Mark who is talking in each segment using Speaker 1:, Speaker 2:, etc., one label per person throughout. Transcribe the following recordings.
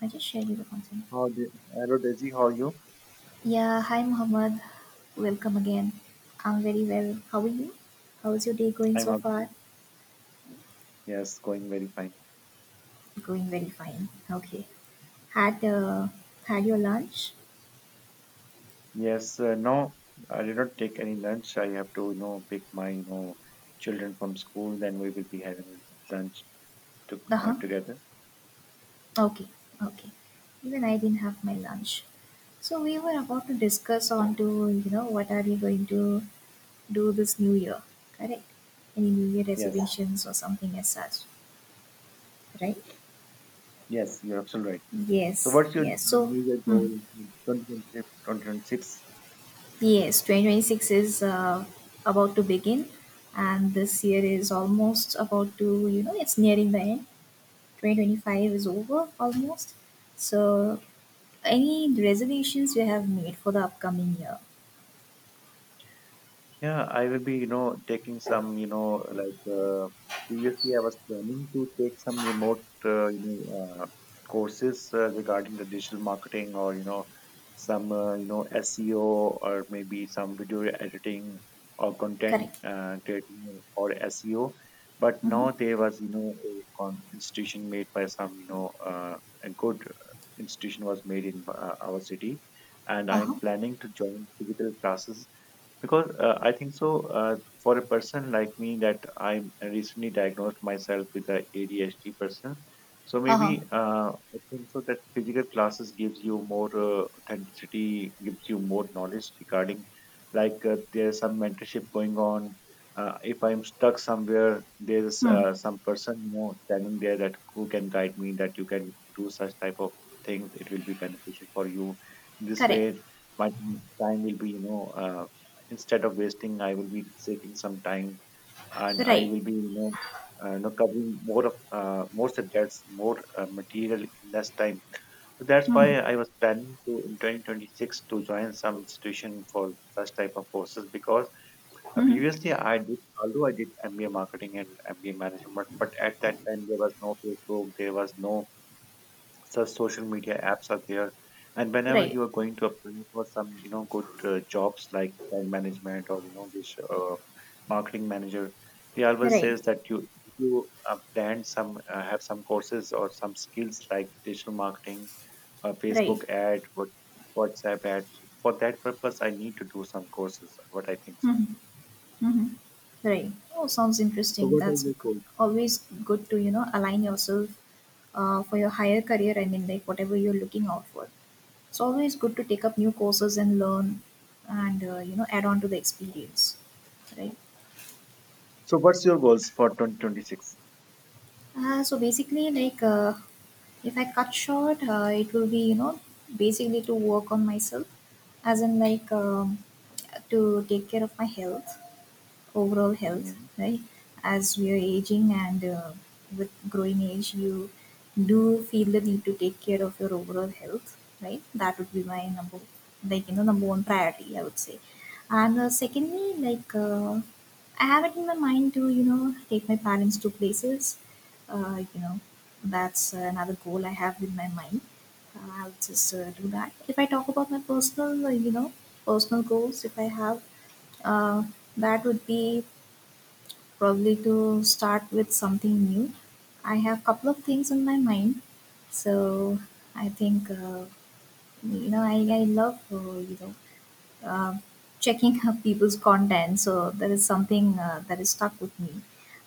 Speaker 1: I just shared you the content.
Speaker 2: How do, hello Daisy, how are you?
Speaker 1: Yeah, hi Muhammad. Welcome again. I'm very well. How are you? How's your day going
Speaker 2: I'm
Speaker 1: so
Speaker 2: also
Speaker 1: far?
Speaker 2: good. Yes, going very fine.
Speaker 1: Going very fine. Okay. Had uh, Had your lunch?
Speaker 2: Yes, no, I did not take any lunch. I have to, you know, pick my, you know, children from school. Then we will be having lunch to,
Speaker 1: Uh huh.
Speaker 2: together.
Speaker 1: Okay. Okay. Even I didn't have my lunch. So we were about to discuss on to what are we going to do this new year, correct? Any new year
Speaker 2: Yes,
Speaker 1: resolutions or something as such, right?
Speaker 2: yes, you're absolutely right. So,
Speaker 1: Yes.
Speaker 2: what's your
Speaker 1: Yes. So.
Speaker 2: New Year
Speaker 1: Hmm.
Speaker 2: goal in 2026?
Speaker 1: Yes, 2026 is about to begin, and this year is almost about to, it's nearing the end. 2025 is over almost. So, any reservations you have made for the upcoming year?
Speaker 2: Yeah, I will be, you know, taking some, you know, like previously I was planning to take some remote, courses regarding the digital marketing or, you know, some, SEO or maybe some video editing or content
Speaker 1: Correct.
Speaker 2: creating or SEO. But
Speaker 1: Mm-hmm.
Speaker 2: now there was, you know, a con institution made by some, a good institution was made in our city. And
Speaker 1: Uh-huh.
Speaker 2: I'm planning to join digital classes because I think so uh, for a person like me that I recently diagnosed myself with a ADHD person, so maybe
Speaker 1: Uh-huh.
Speaker 2: uh, I think so that physical classes gives you more authenticity, gives you more knowledge regarding, like there's some mentorship going on. If I'm stuck somewhere, there's
Speaker 1: Hmm.
Speaker 2: some person, you know, standing there that who can guide me, that you can do such type of things, it will be beneficial for you. This
Speaker 1: Correct.
Speaker 2: way my time will be, you know, instead of wasting, I will be saving some time, and I
Speaker 1: Right.
Speaker 2: will be, you know, you know, covering more of more subjects, more material in less time. So that's why
Speaker 1: Mm-hmm.
Speaker 2: I was planning to in 2026 to join some institution for such type of courses, because
Speaker 1: Mm-hmm.
Speaker 2: previously I did, although I did MBA marketing and MBA management. But at that time there was no Facebook, there was no such social media apps are there. And whenever
Speaker 1: Right.
Speaker 2: you are going to apply for some, you know, good jobs like brand management or, you know, this marketing manager, they always
Speaker 1: Right.
Speaker 2: says that you plan some have some courses or some skills like digital marketing,
Speaker 1: Right.
Speaker 2: Facebook ad, WhatsApp ad. So for that purpose I need to do some courses, what I think so.
Speaker 1: Mm-hmm. Mm-hmm. Right. Oh, sounds
Speaker 2: So
Speaker 1: interesting.
Speaker 2: what are your goals?
Speaker 1: Always good to, align yourself for your higher career. I mean, like whatever you're looking out for. It's always good to take up new courses and learn and, add on to the experience. Right.
Speaker 2: So what's your goals for 2026?
Speaker 1: So basically, if I cut short, it will be, basically to work on myself, as in, to take care of my health, overall health,
Speaker 2: Mhm.
Speaker 1: right? As we are aging and, with growing age, you do feel the need to take care of your overall health, right? That would be my number, like you know, number one priority, I would say. And secondly, I have it in my mind to take my parents to places, uh, you know, that's another goal I have in my mind. I'll just do that. If I talk about my personal, personal goals, if I have, uh, that would be probably to start with something new. I have couple of things in my mind, so I think you know, I love, uh, checking up people's content. So that is something that is stuck with me,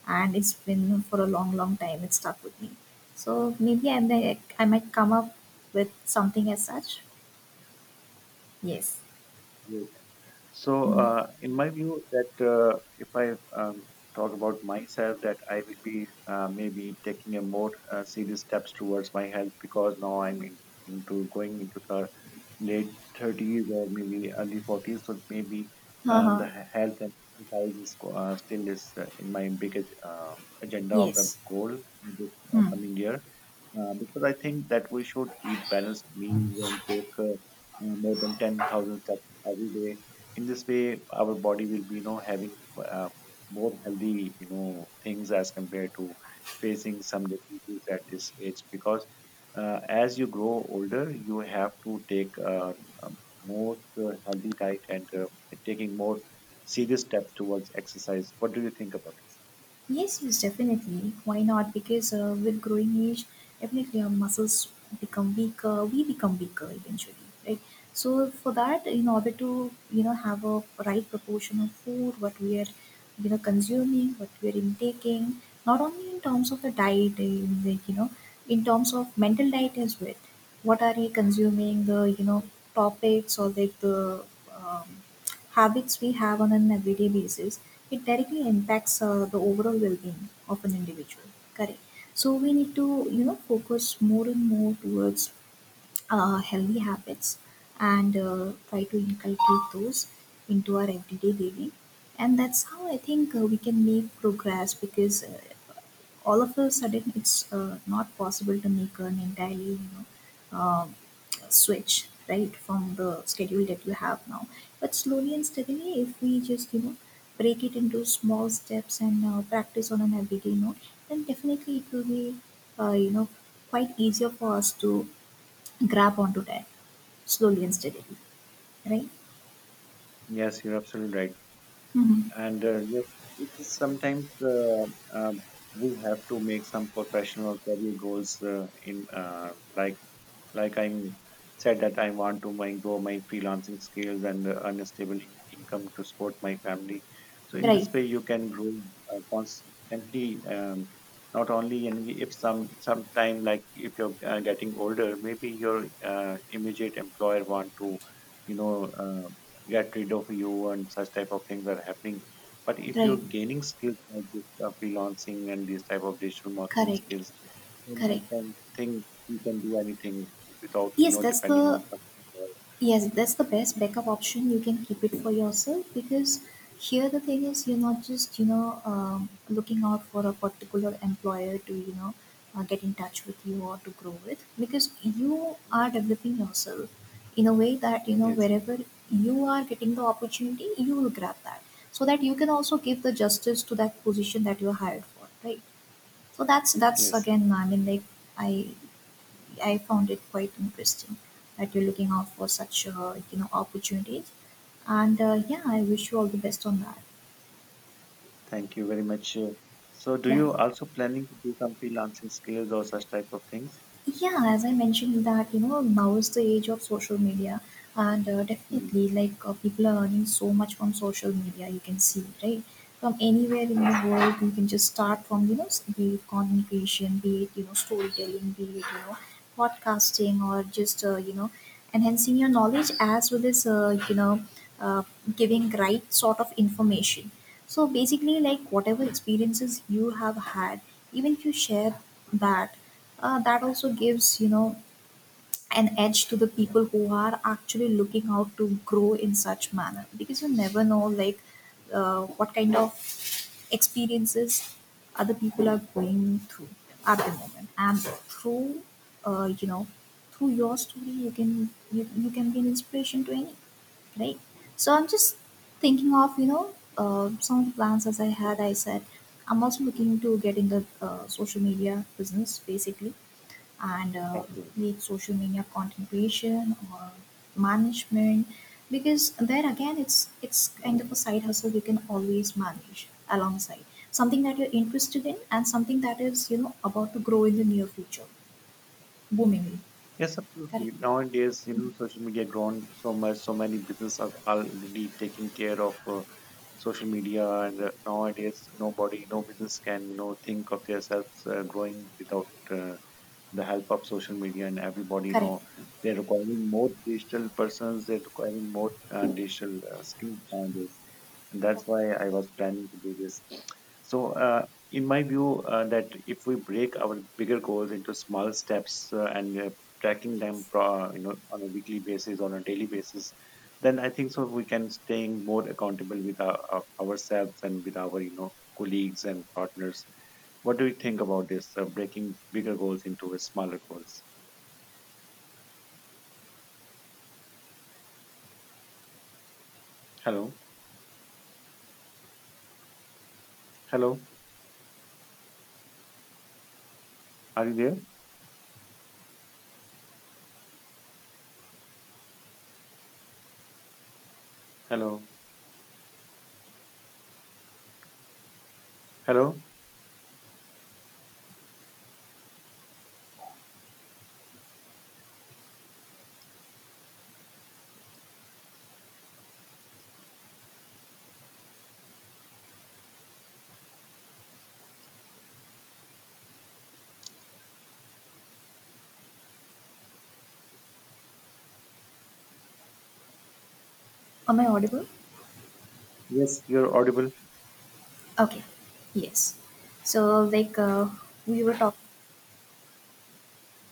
Speaker 1: and it's been for a long, long time. It's stuck with me. So maybe I might come up with something as such. Yes.
Speaker 2: So,
Speaker 1: Hmm.
Speaker 2: in my view, that if I um, talk about myself, that I will be maybe taking a more serious steps towards my health, because now I'm in, into going into the late 30s or maybe early 40s. So maybe uh,
Speaker 1: Uh-huh.
Speaker 2: the he- health and exercise still is in my biggest agenda of the
Speaker 1: Yes.
Speaker 2: goal in this
Speaker 1: Hmm.
Speaker 2: coming year, because I think that we should eat balanced meals and take more than 10,000 steps every day. In this way, our body will be, you know, having more healthy, you know, things as compared to facing some diseases at this age. Because as you grow older, you have to take a most healthy diet and taking more serious steps towards exercise. What do you think about this?
Speaker 1: Yes, yes, definitely. Why not? Because with growing age, definitely our muscles become weaker. We become weaker eventually, right? So for that, in order to have a right proportion of food, what we are consuming, what we are intaking, not only in terms of the diet, in the, in terms of mental diet as well. What are we consuming? The, topics or like the, um, habits we have on an everyday basis, it directly impacts the overall well-being of an individual. Correct. So we need to, focus more and more towards healthy habits and try to inculcate those into our everyday living. And that's how I think we can make progress because all of a sudden it's not possible to make an entirely, um switch right from the schedule that you have now, but slowly and steadily if we just break it into small steps and practice on an everyday note, then definitely it will be, uh, you know quite easier for us to grab onto that slowly and steadily, right.
Speaker 2: Yes, you're absolutely right.
Speaker 1: Hmm.
Speaker 2: And yes, it is sometimes um we have to make some professional career goals in like like I'm said that I want to grow my freelancing skills and earn a stable income to support my family. So in this
Speaker 1: Right.
Speaker 2: way you can grow constantly, not only in if some sometime, like if you're getting older, maybe your immediate employer want to, you know, uh, get rid of you and such type of things are happening. But if
Speaker 1: Right.
Speaker 2: you're gaining skills like this freelancing and these type of digital marketing
Speaker 1: Correct.
Speaker 2: skills, then I
Speaker 1: Correct.
Speaker 2: can think we can do anything without, you
Speaker 1: yes
Speaker 2: know,
Speaker 1: that's
Speaker 2: depending
Speaker 1: the
Speaker 2: on some. uh,
Speaker 1: Yes, that's the best backup option. You can keep it for yourself because here the thing is you're not just looking out for a particular employer to get in touch with you or to grow with, because you are developing yourself in a way that,
Speaker 2: Yes,
Speaker 1: wherever you are getting the opportunity you will grab that, so that you can also give the justice to that position that you're hired for, right? So that's
Speaker 2: yes.
Speaker 1: again, I mean, like, I I found it quite interesting that you're looking out for such, opportunities. And yeah, I wish you all the best on that.
Speaker 2: Thank you very much. So, do
Speaker 1: Yeah.
Speaker 2: you also planning to do some freelancing skills or such type of things?
Speaker 1: Yeah, as I mentioned that, now is the age of social media, and
Speaker 2: Hmm.
Speaker 1: definitely, people are earning so much from social media, you can see, right? From anywhere in the
Speaker 2: Yes.
Speaker 1: world, you can just start from, be it content, be it, storytelling, be it, podcasting, or just, enhancing your knowledge as well as, uh, giving right sort of information. So basically, like, whatever experiences you have had, even if you share that, that also gives, an edge to the people who are actually looking out to grow in such manner, because you never know like what kind of experiences other people are going through at the moment, and through, uh, you know through your story, you can be an inspiration to anyone, right? So I'm just thinking of, some of the plans as I had. I said I'm also looking to get in the social media business basically, and
Speaker 2: Okay.
Speaker 1: lead social media content creation or management, because there again it's kind of a side hustle you can always manage alongside something that you're interested in and something that is, about to grow in the near future boomingly.
Speaker 2: Yes,
Speaker 1: Correct,
Speaker 2: absolutely. Nowadays, you know, social media grown so much. So many businesses are already taking care of social media. And nowadays, no business can, you know, think of themselves growing without the help of social media. And everybody
Speaker 1: correct.
Speaker 2: know they're requiring more digital persons, they're requiring more digital skills nowadays. And that's why I was planning to do this. So in my view that if we break our bigger goals into small steps and tracking them
Speaker 1: Yes.
Speaker 2: you know, on a weekly basis, on a daily basis, then I think so we can staying more accountable with ourselves and with our, you know, colleagues and partners. What do you think about this? Breaking bigger goals into smaller goals. Hello, hello. Are you there? Hello, hello.
Speaker 1: Am I audible?
Speaker 2: Yes, you're audible.
Speaker 1: Okay, yes. So, we were talking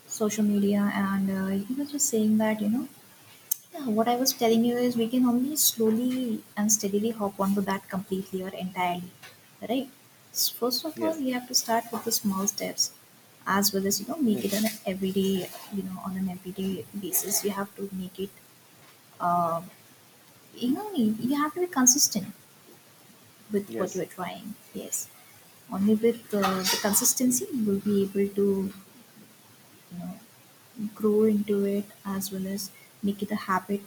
Speaker 1: social media, and he was just saying that, yeah, what I was telling you is we can only slowly and steadily hop onto that completely or entirely, right? First of all,
Speaker 2: Yes.
Speaker 1: we have to start with the small steps, as well as, make
Speaker 2: Hmm.
Speaker 1: it an everyday, on an everyday basis. You have to make it, uh, you have to be consistent with what
Speaker 2: yes,
Speaker 1: you're trying. Yes. Only with the consistency you will be able to, you know, grow into it as well as make it a habit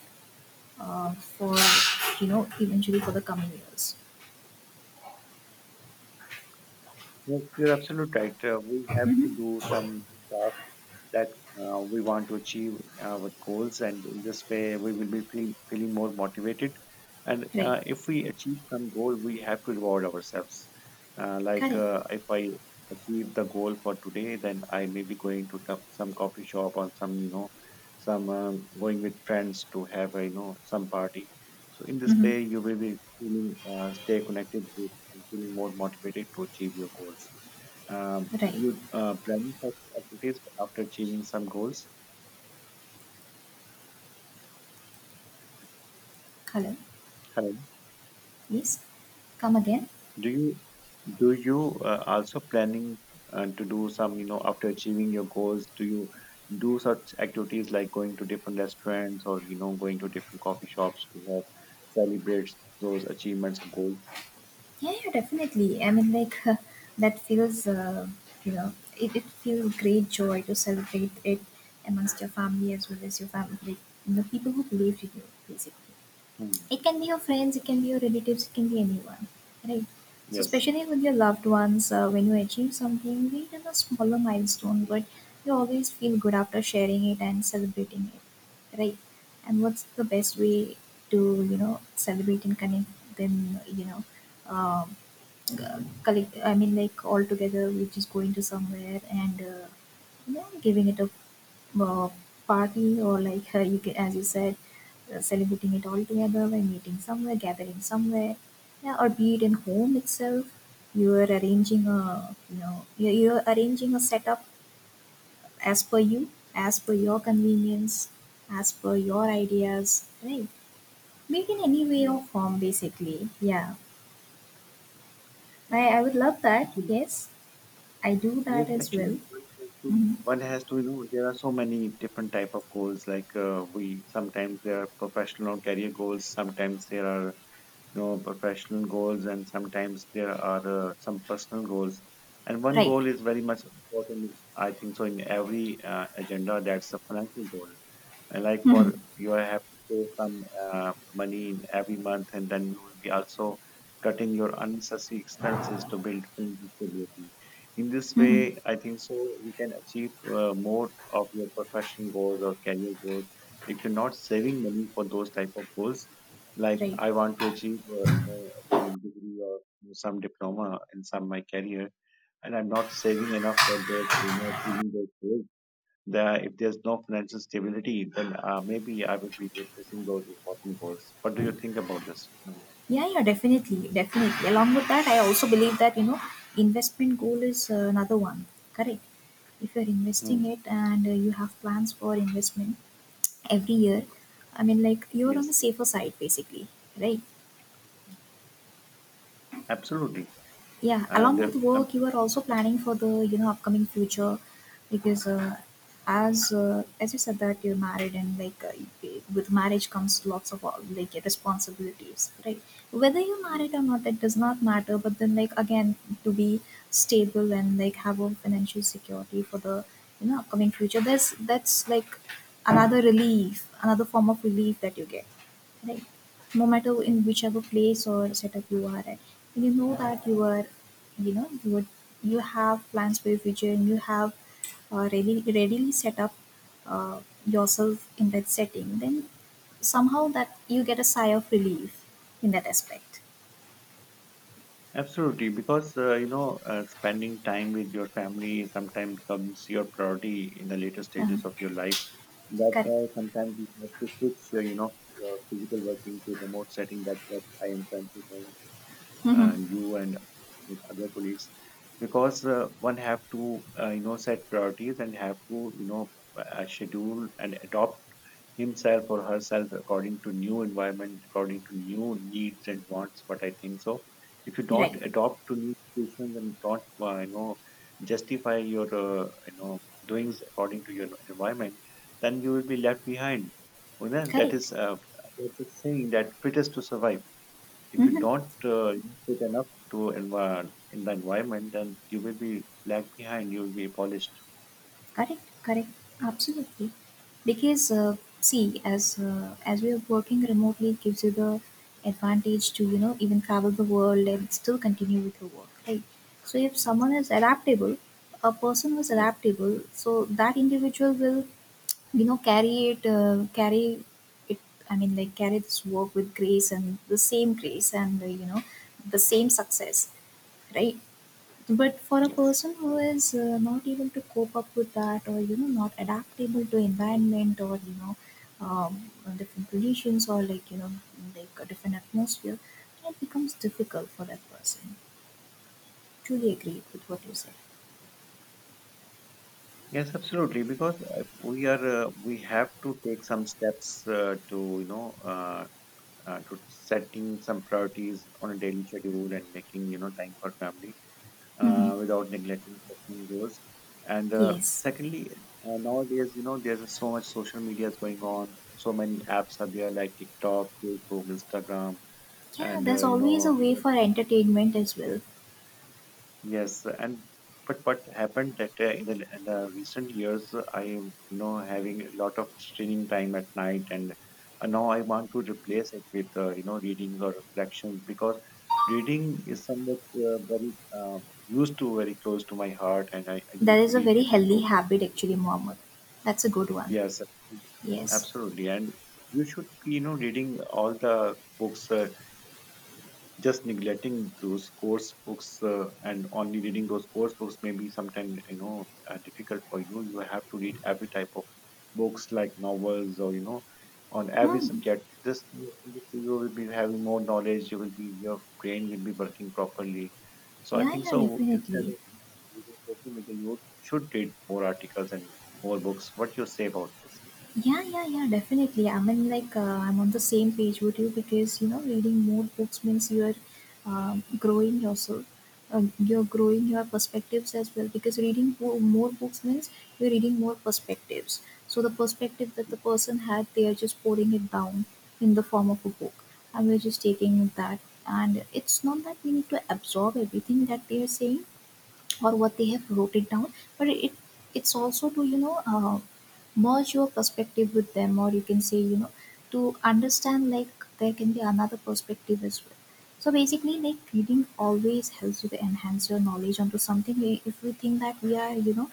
Speaker 1: for, eventually for the coming years,
Speaker 2: yes. You're absolutely right. We have to do some tasks that we want to achieve our goals, and in this way we will be feeling more motivated. And
Speaker 1: right.
Speaker 2: if we achieve some goal, we have to reward ourselves.
Speaker 1: Correct.
Speaker 2: If I achieve the goal for today, then I may be going to some coffee shop or some, you know, some, going with friends to have a, you know, some party. So in this
Speaker 1: Mm-hmm.
Speaker 2: way you will be feeling stay connected with and feeling more motivated to achieve your goals. uh, do
Speaker 1: Right.
Speaker 2: you plan such activities after achieving some goals?
Speaker 1: Hello.
Speaker 2: Hello.
Speaker 1: Yes. Come again.
Speaker 2: Do you do you also planning to do some, you know, after achieving your goals? Do you do such activities like going to different restaurants or, you know, going to different coffee shops to have celebrate those achievements of goals?
Speaker 1: Yeah, yeah, definitely, I mean, like, that feels, you know it feels great joy to celebrate it amongst your family as well as your family like, people who believe in you basically.
Speaker 2: Hmm.
Speaker 1: It can be your friends, it can be your relatives, it can be anyone, right? So
Speaker 2: Yes,
Speaker 1: especially with your loved ones, when you achieve something, be it is a smaller milestone, but you always feel good after sharing it and celebrating it, right? And what's the best
Speaker 2: yes,
Speaker 1: way to, celebrate and connect them, um, collect, I mean, like, all together, which is going to somewhere and, giving it a, uh, party, or you can, as you said, celebrating it all together by meeting somewhere, gathering somewhere, yeah, or be it in home itself. You are arranging a, you are arranging a setup as per you, as per your convenience, as per your ideas, right? Make in any way
Speaker 2: yes.
Speaker 1: or form, basically. Yeah, I would love that. Yes, I do
Speaker 2: Yes,
Speaker 1: that as well.
Speaker 2: actually,
Speaker 1: Hmm.
Speaker 2: one has to, you know, there are so many different type of goals. Like we sometimes, there are professional or career goals. Sometimes there are, you know, professional goals, and sometimes there are some personal goals. And one
Speaker 1: Right.
Speaker 2: goal is very much important, I think, so in every agenda. That's the financial goal. And like
Speaker 1: Hmm.
Speaker 2: for you have to pay some money in every month, and then you will be also cutting your unnecessary expenses to build financial stability. In this
Speaker 1: Hmm.
Speaker 2: way I think so you can achieve more of your professional goals or career goals if you're not saving money for those type of goals. Like
Speaker 1: Right.
Speaker 2: I want to achieve some degree or some diploma in some my career, and I'm not saving enough for those, you know, achieving those goals. The If there's no financial stability, then maybe I will be replacing those important goals. What do you think about this? No.
Speaker 1: Yeah, yeah, definitely, definitely. Along with that, I also believe that, investment goal is another one. Correct. If you're investing
Speaker 2: Hmm.
Speaker 1: it and you have plans for investment every year, I mean, like, you're on
Speaker 2: Yes,
Speaker 1: the safer side, basically, right?
Speaker 2: absolutely.
Speaker 1: Yeah,
Speaker 2: And
Speaker 1: along with
Speaker 2: um,
Speaker 1: work, you are also planning for the, upcoming future, because as you said that you're married and with marriage comes lots of, like, responsibilities, right? Whether you're
Speaker 2: yes.
Speaker 1: married or not, that does not matter. But then, like, again, to be stable and like have a financial security for the, upcoming future, that's like another relief, another form of relief that you get, right? No matter in whichever place or setup you are at, that you are, you know you would you have plans for your future and you have ready readily set up, uh, yourself in that setting, then somehow that you get a sigh of relief in that aspect.
Speaker 2: Absolutely, because you know, spending time with your family sometimes becomes your priority in the later
Speaker 1: uh,
Speaker 2: stages of your life. That's
Speaker 1: Correct.
Speaker 2: why sometimes you have to switch, you know, your physical working to remote setting. That's what I am trying to do,
Speaker 1: Hmm.
Speaker 2: you, and with other colleagues. Because one have to you know, set priorities and have to, you know, schedule and adopt himself or herself according to new environment, according to new needs and wants, what I think so. If you
Speaker 1: Right.
Speaker 2: don't adopt to new situations and don't you know, justify your you know, doings according to your environment, then you will be left behind. You know,
Speaker 1: Correct.
Speaker 2: that's a saying that fittest to survive. If you
Speaker 1: Hmm.
Speaker 2: don't input enough to in the environment, then you will be lag behind. You will be polished.
Speaker 1: Correct, correct, absolutely. Because see, as we are working remotely, it gives you the advantage to, even travel the world and still continue with your work, right? So if
Speaker 2: Mm.
Speaker 1: someone is adaptable, a person was
Speaker 2: Yes,
Speaker 1: adaptable, so that individual will, carry it. I mean, like, carry this work with grace and the same grace and, the same success, right? But for a
Speaker 2: yes,
Speaker 1: person who is not able to cope up with that or not adaptable to environment or um, different conditions or like a different atmosphere, it becomes difficult for that person. Truly agree with what you said.
Speaker 2: Yes, absolutely. Because we have to take some steps to, you know, to setting some priorities on a daily schedule and making, you know, time for family
Speaker 1: Hmm.
Speaker 2: without neglecting personal goals. And
Speaker 1: Yes.
Speaker 2: secondly, nowadays, you know, there's so much social media is going on. So many apps are there like TikTok, Facebook, Instagram,
Speaker 1: Yeah,
Speaker 2: and
Speaker 1: there's always a way for entertainment as well.
Speaker 2: yes and but what happened that in the recent years, I am having a lot of streaming time at night. And now I want to replace it with readings or reflections, because reading is somewhat very, uh, used to very close to my heart, and I
Speaker 1: That
Speaker 2: used to
Speaker 1: is a
Speaker 2: read
Speaker 1: very
Speaker 2: different
Speaker 1: healthy
Speaker 2: books.
Speaker 1: habit actually, Mohammed. That's a good one.
Speaker 2: Yes,
Speaker 1: Yes.
Speaker 2: absolutely. And you should be, you know, reading all the books, just neglecting those course books, and only reading those course books may be sometimes, difficult for you. You have to read every type of books like novels, or you know, on every
Speaker 1: Hmm.
Speaker 2: subject. This, you will be having more knowledge, you will be, your brain will be working properly. So I
Speaker 1: Yeah,
Speaker 2: think
Speaker 1: yeah,
Speaker 2: so. Instead
Speaker 1: definitely.
Speaker 2: of using social media, you should read more articles and more books. What you say about this?
Speaker 1: Yeah, yeah, yeah, definitely. I mean, like, I'm on the same page with you because, you know, reading more books means you're growing yourself. You're growing your perspectives as well because more books means you're reading more perspectives. So, the perspective that the person had, they are just pouring it down in the form of a book. And we're just taking that. And it's not that we need to absorb everything that they are saying, or what they have wrote it down, but it's also to merge your perspective with them, or you can say, you know, to understand like there can be another perspective as well. So basically, like, reading always helps you to enhance your knowledge onto something. We- if we think that we are, you know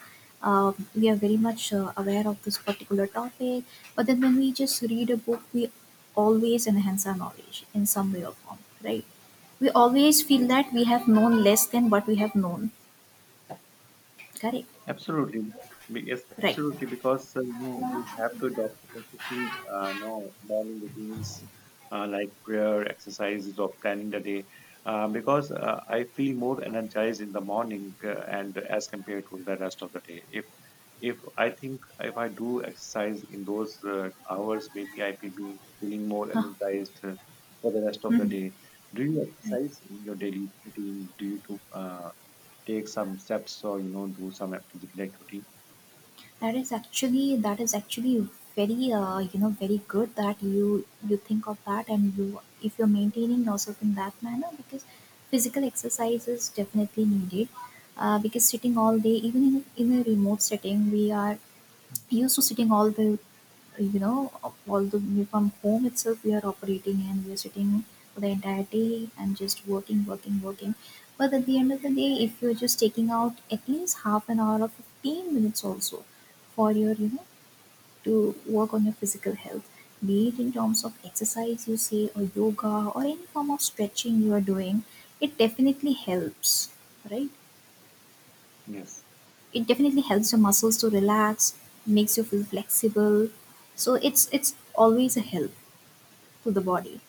Speaker 1: um, we are very much aware of this particular topic, but then when we just read a book, we always enhance our knowledge in some way or form, right? We always feel
Speaker 2: Yes.
Speaker 1: that we have known less than what we have known. Correct.
Speaker 2: Absolutely. Yes,
Speaker 1: Right.
Speaker 2: absolutely. Because you know, you have to adopt a consistent, you, morning routines, like prayer, exercises, or planning the day. Because I feel more energized in the morning, and as compared to the rest of the day. If I think, if I do exercise in those hours, maybe I will be feeling more
Speaker 1: Huh.
Speaker 2: energized for the rest of the
Speaker 1: Mhm.
Speaker 2: day. Do you
Speaker 1: Right.
Speaker 2: exercise in your daily routine? Do you do? Take some steps, or you know, do some physical activity?
Speaker 1: That is actually, that is actually very you know, very good that you think of that, and you, if you're maintaining yourself in that manner, because physical exercise is definitely needed, because sitting all day, even in a remote setting, we are used to sitting all the, you know, although we from home itself we are operating and we are sitting for the entire day and just working, working, working. But at the end of the day, if you're just taking out at least half an hour or 15 minutes also for your, you know, to work on your physical health, be it in terms of exercise, you say, or yoga, or any form of stretching you are doing, it definitely helps, right?
Speaker 2: Yes.
Speaker 1: It definitely helps your muscles to relax, makes you feel flexible, so it's always a help to the body.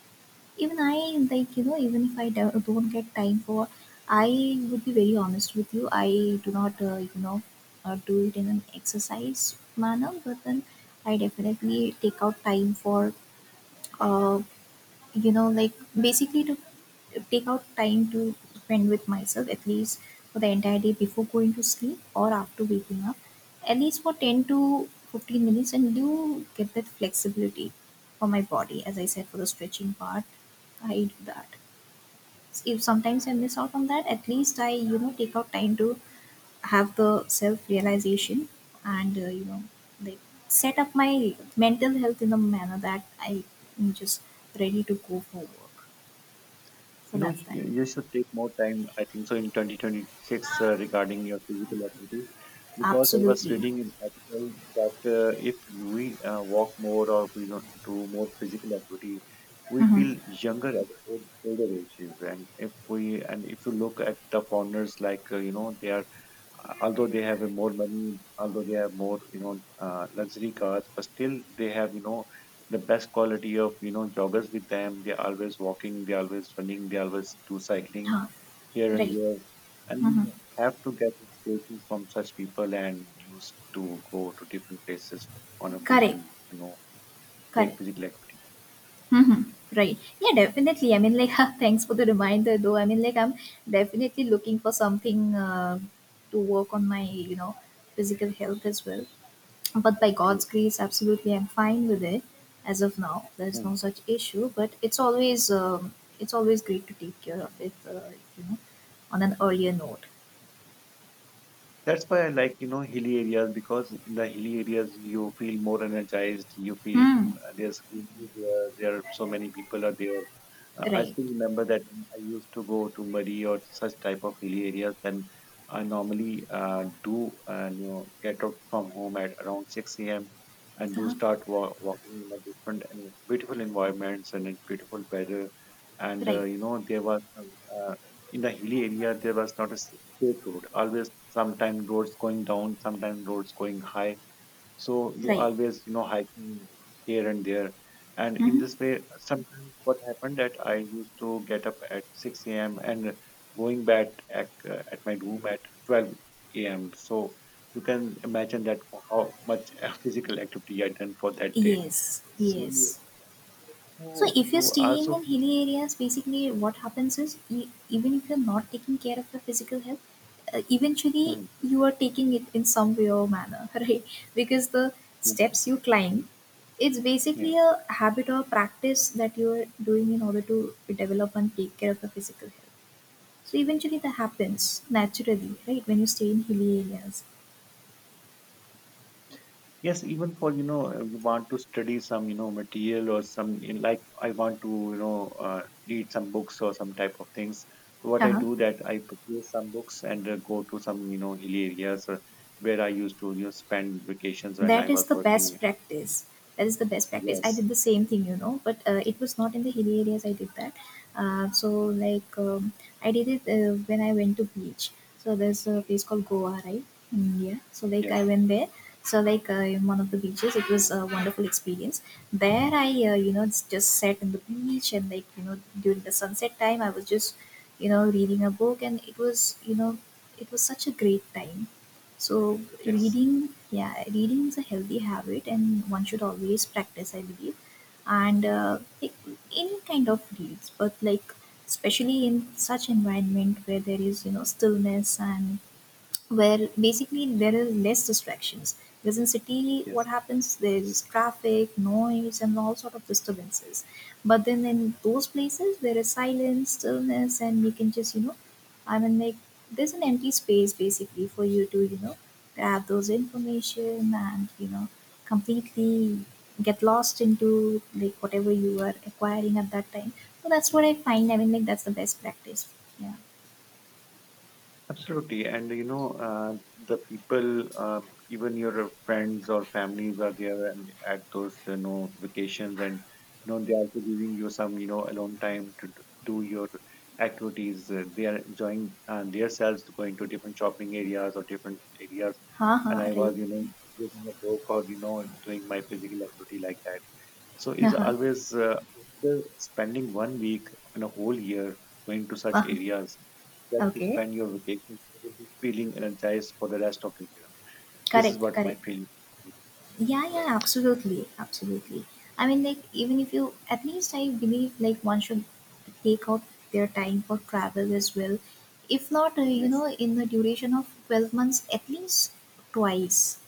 Speaker 1: Even I, like, you know, even if I don't get time for, I would be very honest with you. I do not, do it in an exercise manner, but then I definitely take out time for, uh, you know like basically to take out time to spend with myself, at least for the entire day, before going to sleep or after waking up, at least for 10 to 15 minutes, and do get that flexibility for my body. As I said, for the stretching part, I do that. If sometimes I miss out on that, at least I, you know, take out time to have the self realization, and you know, they set up my mental health in a manner that I am just ready to go for work. So
Speaker 2: You know,
Speaker 1: that's
Speaker 2: you
Speaker 1: that.
Speaker 2: you should take more time, I think so, in 2026, regarding your physical activity, because I was
Speaker 1: Absolutely.
Speaker 2: reading an article that if we walk more or we don't do more physical activity, we feel
Speaker 1: Mhm.
Speaker 2: younger at older ages. And if we, and if you look at the founders, like you know, they are, although they have more money, although they have more, you know, luxury cars, but still they have, you know, the best quality of, you know, joggers with them. They're always walking, they're always running, they always do cycling
Speaker 1: Huh.
Speaker 2: here and
Speaker 1: Right.
Speaker 2: there. And
Speaker 1: Mhm.
Speaker 2: we have to get inspirations from such people and used to go to different places on a physical,
Speaker 1: Correct.
Speaker 2: you know, take
Speaker 1: Correct.
Speaker 2: physical activity.
Speaker 1: Mhm. Right. Yeah, definitely. I mean, like, thanks for the reminder, though. I mean, like, I'm definitely looking for something to work on my, you know, physical health as well. But by God's
Speaker 2: Yes.
Speaker 1: grace, absolutely, I'm fine with it as of now. There's
Speaker 2: Hmm.
Speaker 1: no such issue. But it's always great to take care of it, you know, on an earlier note.
Speaker 2: That's why I like, you know, hilly areas, because in the hilly areas you feel more energized. You feel
Speaker 1: Hmm.
Speaker 2: there's greenery there, there are so many people are there. I
Speaker 1: Right.
Speaker 2: still remember that when I used to go to Murray or such type of hilly areas. Then I normally do you know, get out from home at around 6 a.m. and do
Speaker 1: Uh-huh.
Speaker 2: start walking in a different and beautiful environments and in beautiful weather. And
Speaker 1: Right.
Speaker 2: you know, there was uh, in the hilly area there was not a straight road always, sometimes roads going down, sometimes roads going high. So you
Speaker 1: Right.
Speaker 2: always, you know, hiking here and there. And in
Speaker 1: Mhm.
Speaker 2: this way sometimes what happened that I used to get up at 6 a.m. and going back at my room at 12 a.m. So you can imagine that how much physical activity I done for that day.
Speaker 1: Yes,
Speaker 2: So you
Speaker 1: yes. So if you're
Speaker 2: you
Speaker 1: staying
Speaker 2: also
Speaker 1: in
Speaker 2: feel,
Speaker 1: hilly areas, basically what happens is, even if you're not taking care of your physical health, eventually
Speaker 2: hmm,
Speaker 1: you are taking it in some way or manner, right? Because the
Speaker 2: yes,
Speaker 1: steps you climb, it's basically
Speaker 2: yes.
Speaker 1: a habit or practice that you're doing in order to develop and take care of your physical health. So eventually that happens naturally, right? When you stay in hilly areas.
Speaker 2: Yes, even for you know, you want to study some, you know, material, or some, like I want to, you know, read some books or some type of things. So what I do that I purchase some books and go to some, you know, hilly areas where I used to, you know, spend vacations when I
Speaker 1: That is
Speaker 2: was
Speaker 1: the
Speaker 2: working.
Speaker 1: best practice. That is the best practice. I did
Speaker 2: Yes,
Speaker 1: the same thing, you know, but it was not in the hilly areas I did that. uh, so like um, I did it when I went to beach. So there's a place called Goa, right? In India. So like I
Speaker 2: yes,
Speaker 1: went there. So like, in one of the beaches, it was a wonderful experience. There I, you know, just sat in the beach, and like, you know, during the sunset time, I was just, you know, reading a book, and it was, you know, it was such a great time. So
Speaker 2: yes,
Speaker 1: reading, yeah, reading is a healthy habit, and one should always practice, I believe. And like, any kind of reads, but like, especially in such environment where there is, you know, stillness, and where basically there are less distractions. Because in city,
Speaker 2: yes.
Speaker 1: what happens, there is traffic, noise, and all sort of disturbances. But then in those places, there is silence, stillness, and you can just, you know, I mean, like, there's an empty space basically for you to, you know, grab those information and, you know, completely get lost into like whatever you are acquiring at that time. So that's what I find. I mean, like that's the best practice. Yeah.
Speaker 2: Absolutely, and you know, the people, even your friends or families are there, and at those, you know, vacations, and you know, they're also giving you some, you know, alone time to do your activities. They are enjoying themselves to going to different shopping areas or different areas,
Speaker 1: Ha
Speaker 2: and
Speaker 1: ha.
Speaker 2: I
Speaker 1: Right.
Speaker 2: was, you know, doing a book, or you know, doing my physical activity like that. So it's
Speaker 1: Ha.
Speaker 2: always after spending one week in a whole year, going to such
Speaker 1: Huh.
Speaker 2: areas just to
Speaker 1: Okay.
Speaker 2: spend your vacation, you will be feeling energized for the rest of the year. This is
Speaker 1: Correct,
Speaker 2: what my
Speaker 1: correct.
Speaker 2: feeling.
Speaker 1: Yeah, yeah, absolutely,
Speaker 2: Is.
Speaker 1: absolutely. I mean, like, even if you, at least I believe, like, one should take out their time for travel as well. If not, you
Speaker 2: Yes.
Speaker 1: know, in the duration of 12 months, at least twice.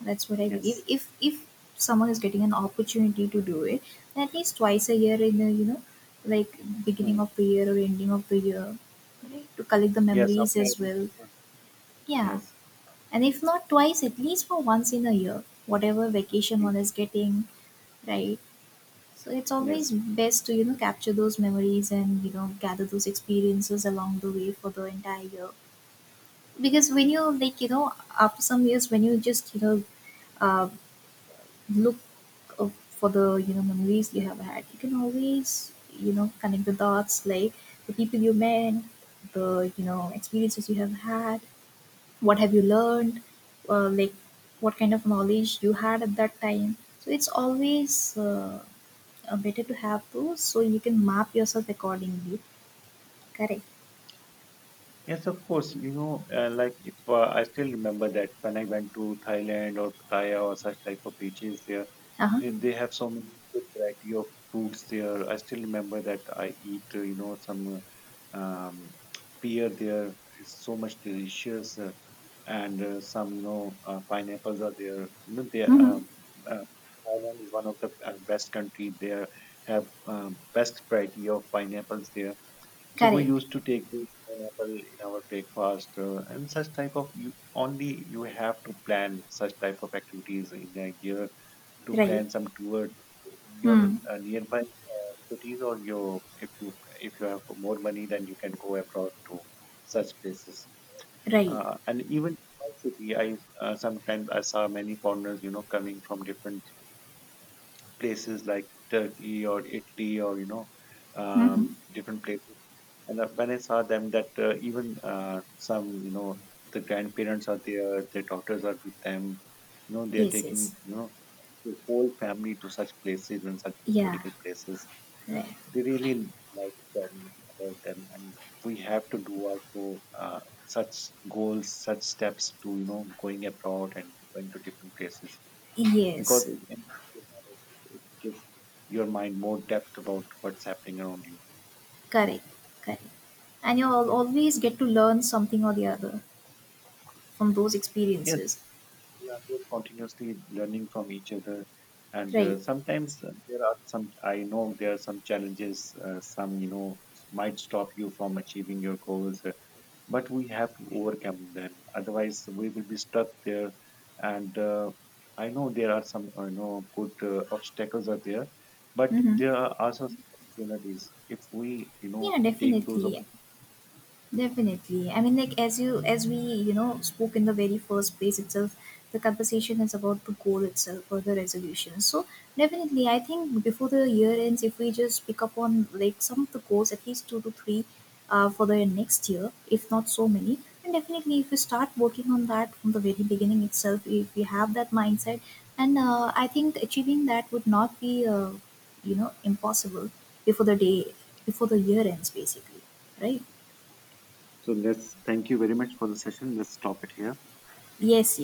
Speaker 1: That's what I believe.
Speaker 2: Yes.
Speaker 1: If someone is getting an opportunity to do it, then at least twice a year, in the, you know, like, beginning
Speaker 2: Hmm.
Speaker 1: of the year or ending of the year, right? To collect the
Speaker 2: Yes,
Speaker 1: memories
Speaker 2: after
Speaker 1: as
Speaker 2: every
Speaker 1: well.
Speaker 2: 6 months.
Speaker 1: Yeah.
Speaker 2: Yes.
Speaker 1: And if not twice, at least for once in a year, whatever vacation
Speaker 2: ye-
Speaker 1: one is getting, right? So it's always
Speaker 2: Yes.
Speaker 1: best to, you know, capture those memories and, you know, gather those experiences along the way for the entire year. Because when you, like, you know, after some years, when you just, you know, uh, look, uh, for the, you know, memories you have had, you can always, you know, connect the dots, like the people you met, the, you know, experiences you have had, what have you learned, like what kind of knowledge you had at that time. So it's always better to have those, so you can map yourself accordingly. Correct.
Speaker 2: Yes, of course. You know, like if I still remember that when I went to Thailand or Pattaya or such type of beaches there,
Speaker 1: Uh-huh.
Speaker 2: They have so many good variety of fruits there. I still remember that I eat, you know, some, uh, um, pear there. It's so much delicious, and some, you know, pineapples are there. You know, they,
Speaker 1: Mm-hmm.
Speaker 2: uh, Thailand is one of the best country. They have, best variety of pineapples there. So we
Speaker 1: Correct.
Speaker 2: used to take the pineapple in our breakfast, and such type of, you only, you have to plan such type of activities in a year, to
Speaker 1: Right.
Speaker 2: plan some tour in your
Speaker 1: Hmm.
Speaker 2: nearby cities, or your, if you, if you have more money, then you can go abroad to such places.
Speaker 1: Right.
Speaker 2: And even in my city, I sometimes I saw many foreigners, you know, coming from different places like Turkey or Italy, or you know,
Speaker 1: Mm-hmm.
Speaker 2: different places. And when I saw them that even some, you know, the grandparents are there, their daughters are with them, you know, they are
Speaker 1: Yes,
Speaker 2: taking,
Speaker 1: yes.
Speaker 2: you know, your whole family to such places and such
Speaker 1: Yeah.
Speaker 2: historical places.
Speaker 1: Right.
Speaker 2: They really like them about them, and we have to do also, such goals, such steps, to you know, going abroad and going to different places, because
Speaker 1: Yes.
Speaker 2: it enhances your knowledge, it gives your mind more depth about what's happening around you.
Speaker 1: Correct, correct. And you'll always get to learn something or the other from those
Speaker 2: Yes,
Speaker 1: experiences.
Speaker 2: we are continuously learning from each other. And
Speaker 1: Right.
Speaker 2: sometimes there are some, I know there are some challenges, some, you know, might stop you from achieving your goals. But we have to overcome them, otherwise we will be stuck there. And I know there are some you know, good obstacles are there, but
Speaker 1: Mm-hmm.
Speaker 2: there are also some opportunities, if we, you know,
Speaker 1: Yeah,
Speaker 2: take those
Speaker 1: definitely.
Speaker 2: opportunities.
Speaker 1: Definitely. I mean, like, as you, as we, you know, spoke in the very first place itself, the conversation is about the goal itself or the resolution. So definitely, I think before the year ends, if we just pick up on like some of the goals, at least two to three, for the next year, if not so many, and definitely if we start working on that from the very beginning itself, if we have that mindset, and I think achieving that would not be impossible before the day, before the year ends, basically, right?
Speaker 2: So let's, thank you very much for the session, let's stop it here.
Speaker 1: Yes,